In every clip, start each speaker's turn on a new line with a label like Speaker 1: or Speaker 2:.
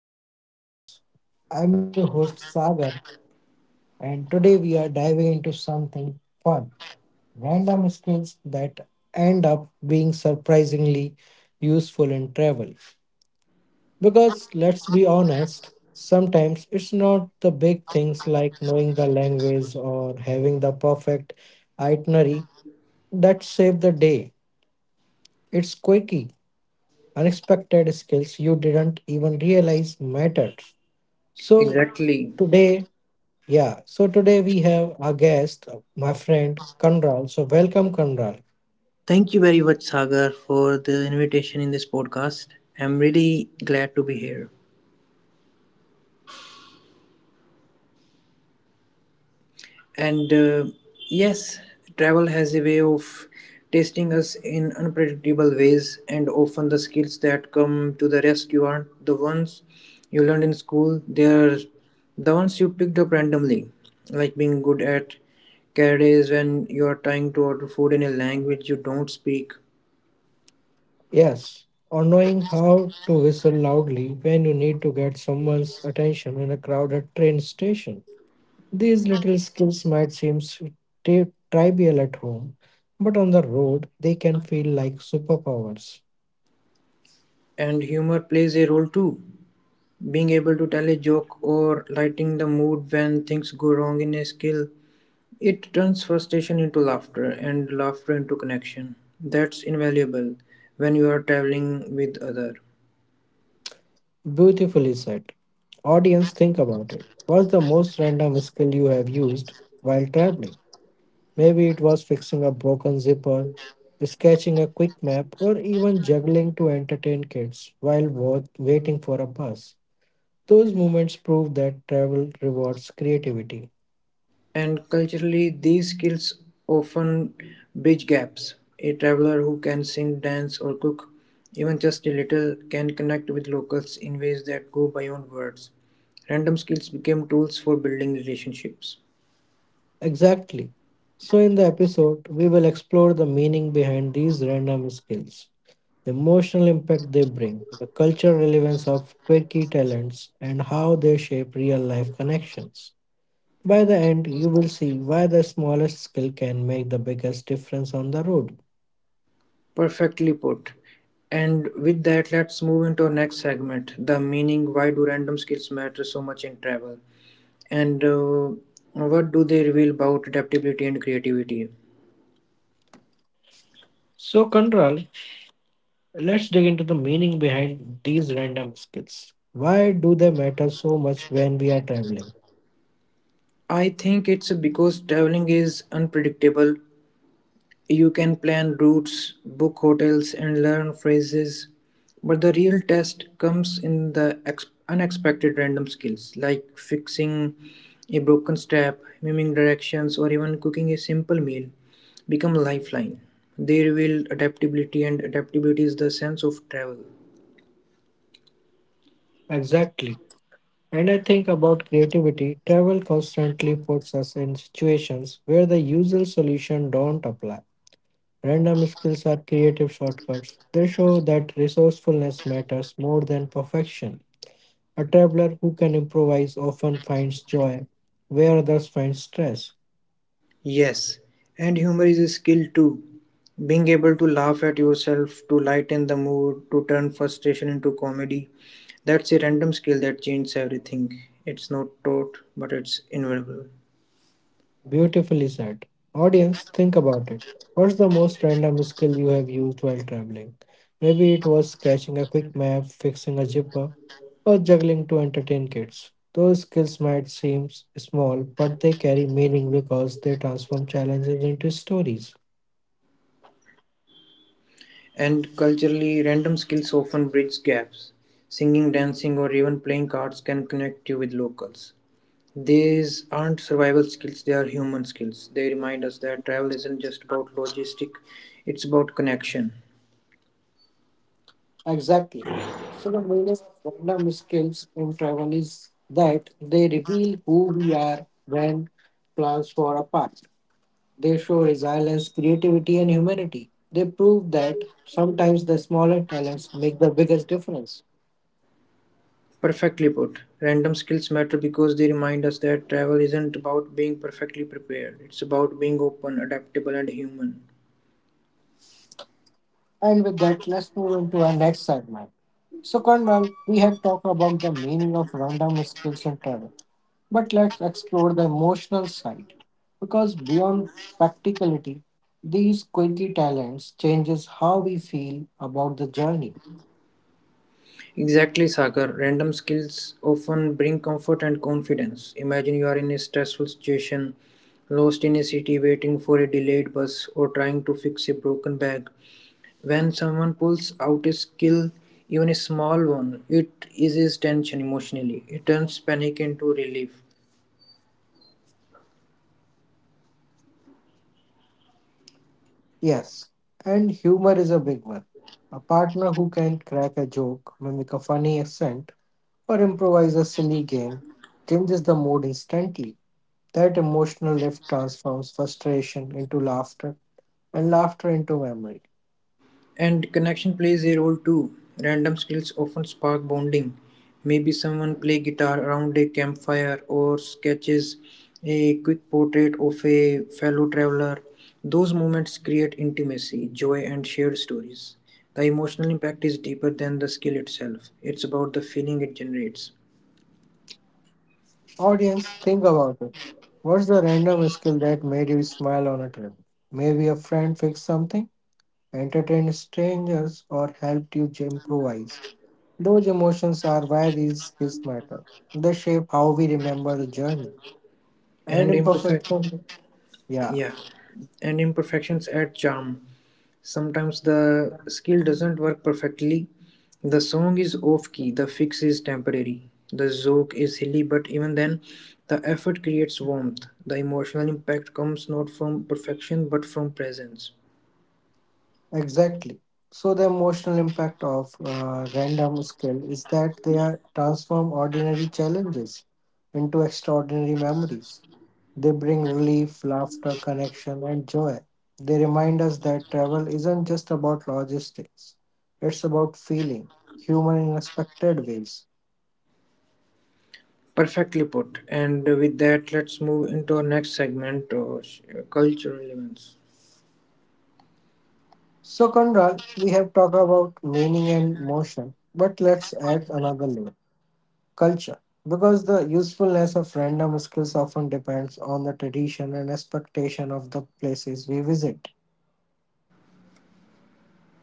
Speaker 1: back to Talk with Viz. I'm your host Sagar, and today we are diving into something fun, random skills that end up being surprisingly useful in travel. Because let's be honest, sometimes it's not the big things like knowing the language or having the perfect itinerary that save the day. It's quirky, unexpected skills you didn't even realize mattered. So,
Speaker 2: Exactly.
Speaker 1: today. Yeah, so today we have our guest, my friend Kanral. So, welcome, Kanral.
Speaker 2: Thank you very much, Sagar, for the invitation in this podcast. I'm really glad to be here. And yes, travel has a way of testing us in unpredictable ways, and often the skills that come to the rescue aren't the ones you learned in school, they're the ones you picked up randomly, like being good at carriages when you're trying to order food in a language you don't speak.
Speaker 1: Yes, on knowing how to whistle loudly when you need to get someone's attention in a crowded train station. These little skills might seem trivial at home, but on the road they can feel like superpowers.
Speaker 2: And humor plays a role too, being able to tell a joke or lighting the mood when things go wrong in a skill. It turns frustration into laughter and laughter into connection. That's invaluable when you are traveling with other.
Speaker 1: Beautifully said. Audience, think about it. What's the most random skill you have used while traveling? Maybe it was fixing a broken zipper, sketching a quick map, or even juggling to entertain kids while waiting for a bus. Those moments prove that travel rewards creativity.
Speaker 2: And culturally, these skills often bridge gaps. A traveler who can sing, dance, or cook even just a little can connect with locals in ways that go beyond words. Random skills became tools for building relationships.
Speaker 1: Exactly. So, in the episode, we will explore the meaning behind these random skills, the emotional impact they bring, the cultural relevance of quirky talents, and how they shape real life connections. By the end, you will see why the smallest skill can make the biggest difference on the road.
Speaker 2: Perfectly put. And with that, let's move into our next segment, the meaning. Why do random skills matter so much in travel? And what do they reveal about adaptability and creativity?
Speaker 1: So, Control, let's dig into the meaning behind these random skills. Why do they matter so much when we are traveling?
Speaker 2: I think it's because traveling is unpredictable. You can plan routes, book hotels, and learn phrases, but the real test comes in the unexpected. Random skills like fixing a broken step, miming directions, or even cooking a simple meal become a lifeline. They reveal adaptability, and adaptability is the sense of travel.
Speaker 1: Exactly. And I think about creativity, travel constantly puts us in situations where the usual solution don't apply. Random skills are creative shortcuts. They show that resourcefulness matters more than perfection. A traveler who can improvise often finds joy where others find stress.
Speaker 2: Yes, and humor is a skill too. Being able to laugh at yourself, to lighten the mood, to turn frustration into comedy. That's a random skill that changes everything. It's not taught, but it's invaluable.
Speaker 1: Beautifully said. Audience, think about it. What's the most random skill you have used while traveling? Maybe it was sketching a quick map, fixing a zipper, or juggling to entertain kids. Those skills might seem small, but they carry meaning because they transform challenges into stories.
Speaker 2: And culturally, random skills often bridge gaps. Singing, dancing, or even playing cards can connect you with locals. These aren't survival skills, they are human skills. They remind us that travel isn't just about logistic, it's about connection.
Speaker 1: Exactly. So the meaning of random skills in travel is that they reveal who we are when plans fall apart. They show resilience, creativity, and humanity. They prove that sometimes the smaller talents make the biggest difference.
Speaker 2: Perfectly put. Random skills matter because they remind us that travel isn't about being perfectly prepared, it's about being open, adaptable, and human.
Speaker 1: And with that, let's move into our next segment. So, Kanman, we have talked about the meaning of random skills in travel. But let's explore the emotional side, because beyond practicality, these quirky talents changes how we feel about the journey.
Speaker 2: Exactly, Sagar. Random skills often bring comfort and confidence. Imagine you are in a stressful situation, lost in a city waiting for a delayed bus, or trying to fix a broken bag. When someone pulls out a skill, even a small one, it eases tension emotionally. It turns panic into relief.
Speaker 1: Yes, and humor is a big one. A partner who can crack a joke, mimic a funny accent, or improvise a silly game changes the mood instantly. That emotional lift transforms frustration into laughter and laughter into memory.
Speaker 2: And connection plays a role too. Random skills often spark bonding. Maybe someone play guitar around a campfire or sketches a quick portrait of a fellow traveler. Those moments create intimacy, joy, and shared stories. The emotional impact is deeper than the skill itself. It's about the feeling it generates.
Speaker 1: Audience, think about it. What's the random skill that made you smile on a trip? Maybe a friend fixed something, entertained strangers, or helped you improvise. Those emotions are why these skills matter. They shape how we remember the journey. And
Speaker 2: And imperfect,
Speaker 1: imperfection, yeah,
Speaker 2: yeah. And imperfections add charm. Sometimes the skill doesn't work perfectly. The song is off key, the fix is temporary, the joke is silly, but even then, the effort creates warmth. The emotional impact comes not from perfection but from presence.
Speaker 1: exactly. So the emotional impact of random skill is that they are transform ordinary challenges into extraordinary memories. They bring relief, laughter, connection, and joy. They remind us that travel isn't just about logistics, it's about feeling, human in expected ways.
Speaker 2: Perfectly put. And with that, let's move into our next segment, cultural events.
Speaker 1: So, Conrad, we have talked about meaning and motion, but let's add another layer, culture. Because the usefulness of random skills often depends on the tradition and expectation of the places we visit.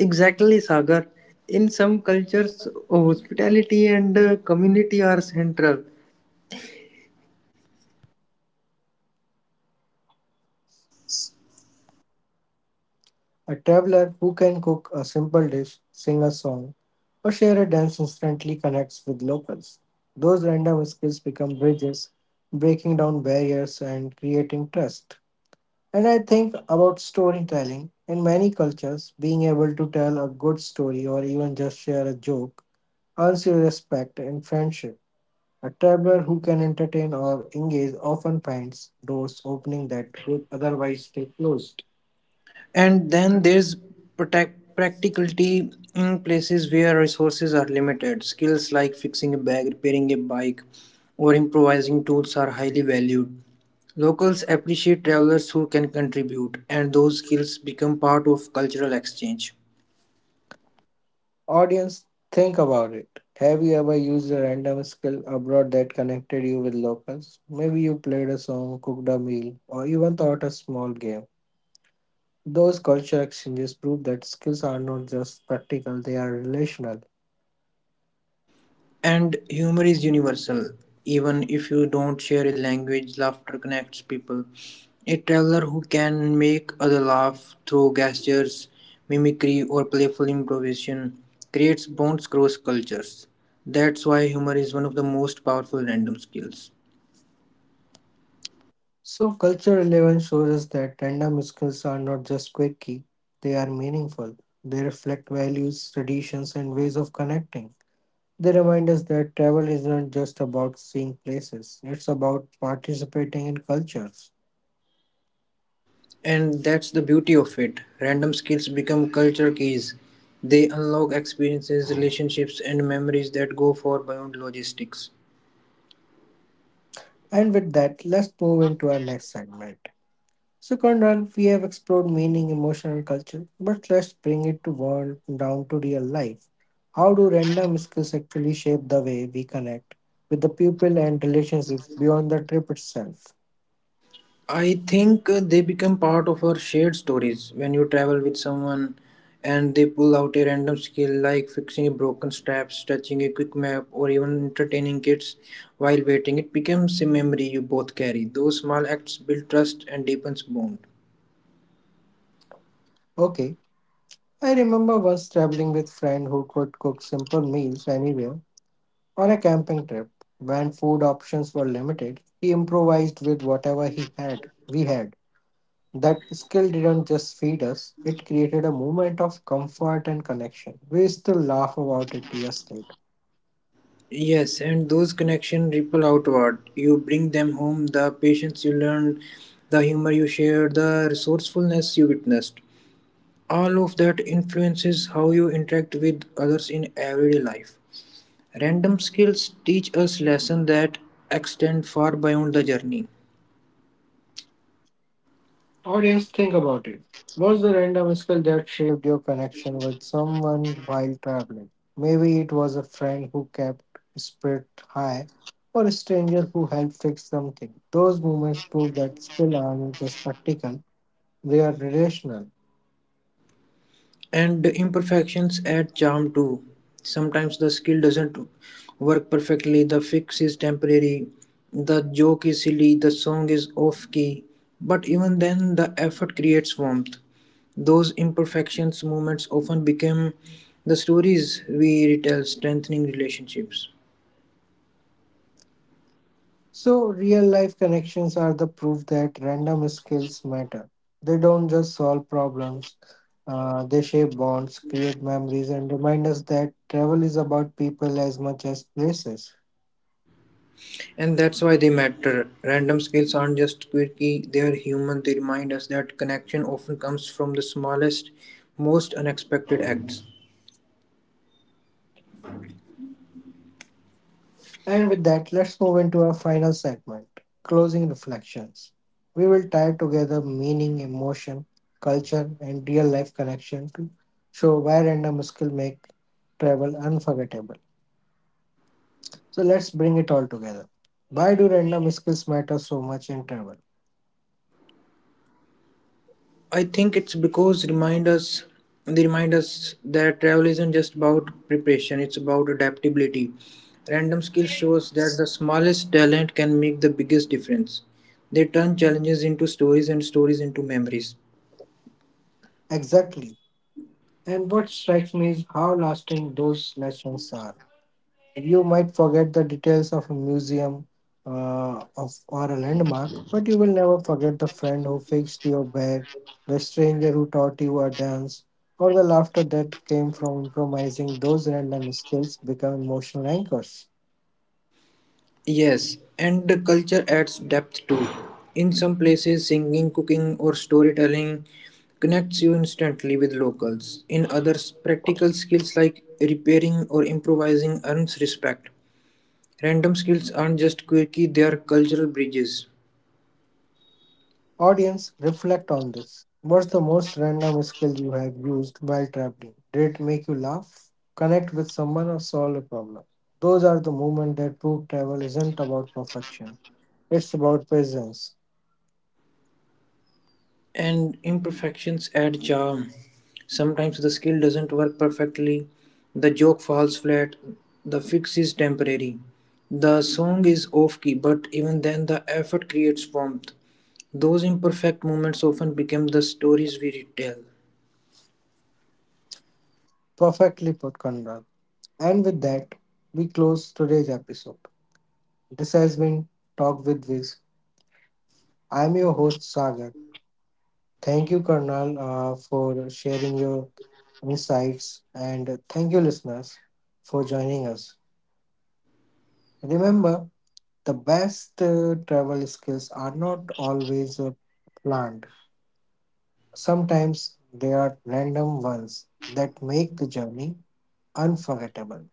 Speaker 2: Exactly, Sagar. In some cultures, hospitality and community are central.
Speaker 1: A traveler who can cook a simple dish, sing a song, or share a dance instantly connects with locals. Those random skills become bridges, breaking down barriers and creating trust. And I think about storytelling. In many cultures, being able to tell a good story or even just share a joke earns you respect and friendship. A traveler who can entertain or engage often finds doors opening that would otherwise stay closed.
Speaker 2: And then there's protect practicality in places where resources are limited. Skills like fixing a bag, repairing a bike, or improvising tools are highly valued. Locals appreciate travelers who can contribute, and those skills become part of cultural exchange.
Speaker 1: Audience, think about it. Have you ever used a random skill abroad that connected you with locals? Maybe you played a song, cooked a meal, or even taught a small game. Those culture exchanges prove that skills are not just practical, they are relational.
Speaker 2: And humor is universal. Even if you don't share a language, laughter connects people. A traveler who can make other laugh through gestures, mimicry, or playful improvisation creates bonds across cultures. That's why humor is one of the most powerful random skills.
Speaker 1: So, culture relevance shows us that random skills are not just quirky, they are meaningful. They reflect values, traditions, and ways of connecting. They remind us that travel is not just about seeing places, it's about participating in cultures.
Speaker 2: And that's the beauty of it. Random skills become culture keys. They unlock experiences, relationships, and memories that go far beyond logistics.
Speaker 1: And with that, let's move into our next segment. So, Conrad, we have explored meaning, emotion, and culture, but let's bring it to world down to real life. How do random skills actually shape the way we connect with the people and relationships beyond the trip itself?
Speaker 2: I think they become part of our shared stories. When you travel with someone and they pull out a random skill like fixing a broken strap, stretching a quick map, or even entertaining kids while waiting, it becomes a memory you both carry. Those small acts build trust and deepens bond.
Speaker 1: Okay, I remember once traveling with friend who could cook simple meals anywhere on a camping trip. When food options were limited, he improvised with whatever he had. We had. That skill didn't just feed us, it created a moment of comfort and connection. We still laugh about it years later.
Speaker 2: Yes, and those connections ripple outward. You bring them home, the patience you learned, the humor you shared, the resourcefulness you witnessed. All of that influences how you interact with others in everyday life. Random skills teach us lessons that extend far beyond the journey,
Speaker 1: Audience, think about it. Was the random skill that shaped your connection with someone while traveling? Maybe it was a friend who kept spirit high or a stranger who helped fix something. Those moments prove that skill aren't just practical, they are relational.
Speaker 2: and the imperfections add charm too. Sometimes the skill doesn't work perfectly, the fix is temporary, the joke is silly, the song is off key, but even then, the effort creates warmth. Those imperfections moments often become the stories we retell, strengthening relationships.
Speaker 1: So, real life connections are the proof that random skills matter. They don't just solve problems, they shape bonds, create memories, and remind us that travel is about people as much as places.
Speaker 2: And that's why they matter. Random skills aren't just quirky, they're human. They remind us that connection often comes from the smallest, most unexpected acts.
Speaker 1: And with that, let's move into our final segment, closing reflections. We will tie together meaning, emotion, culture, and real life connection to show why random skill make travel unforgettable. So let's bring it all together. Why do random skills matter so much in travel?
Speaker 2: I think it's because remind us they remind us that travel isn't just about preparation, it's about adaptability. Random skills shows that the smallest talent can make the biggest difference. They turn challenges into stories and stories into memories.
Speaker 1: Exactly. And what strikes me is how lasting those lessons are. You might forget the details of a museum, or a landmark, but you will never forget the friend who fixed your bag, the stranger who taught you a dance, or the laughter that came from improvising. Those random skills become emotional anchors.
Speaker 2: Yes, and the culture adds depth too. In some places, singing, cooking, or storytelling connects you instantly with locals. In others, practical skills like repairing or improvising earns respect. Random skills aren't just quirky, they are cultural bridges.
Speaker 1: Audience, reflect on this. What's the most random skill you have used while traveling? Did it make you laugh, connect with someone, or solve a problem? Those are the moments that prove travel isn't about perfection, it's about presence.
Speaker 2: And imperfections add charm. Sometimes the skill doesn't work perfectly, the joke falls flat, the fix is temporary, the song is off key, but even then, the effort creates warmth. Those imperfect moments often become the stories we retell.
Speaker 1: Perfectly put, Conrad. And with that, we close today's episode. This has been Talk with Viz. I'm your host, Sagar. Thank you, Karnal, for sharing your insights, and thank you, listeners, for joining us. Remember, the best travel skills are not always planned. Sometimes they are random ones that make the journey unforgettable.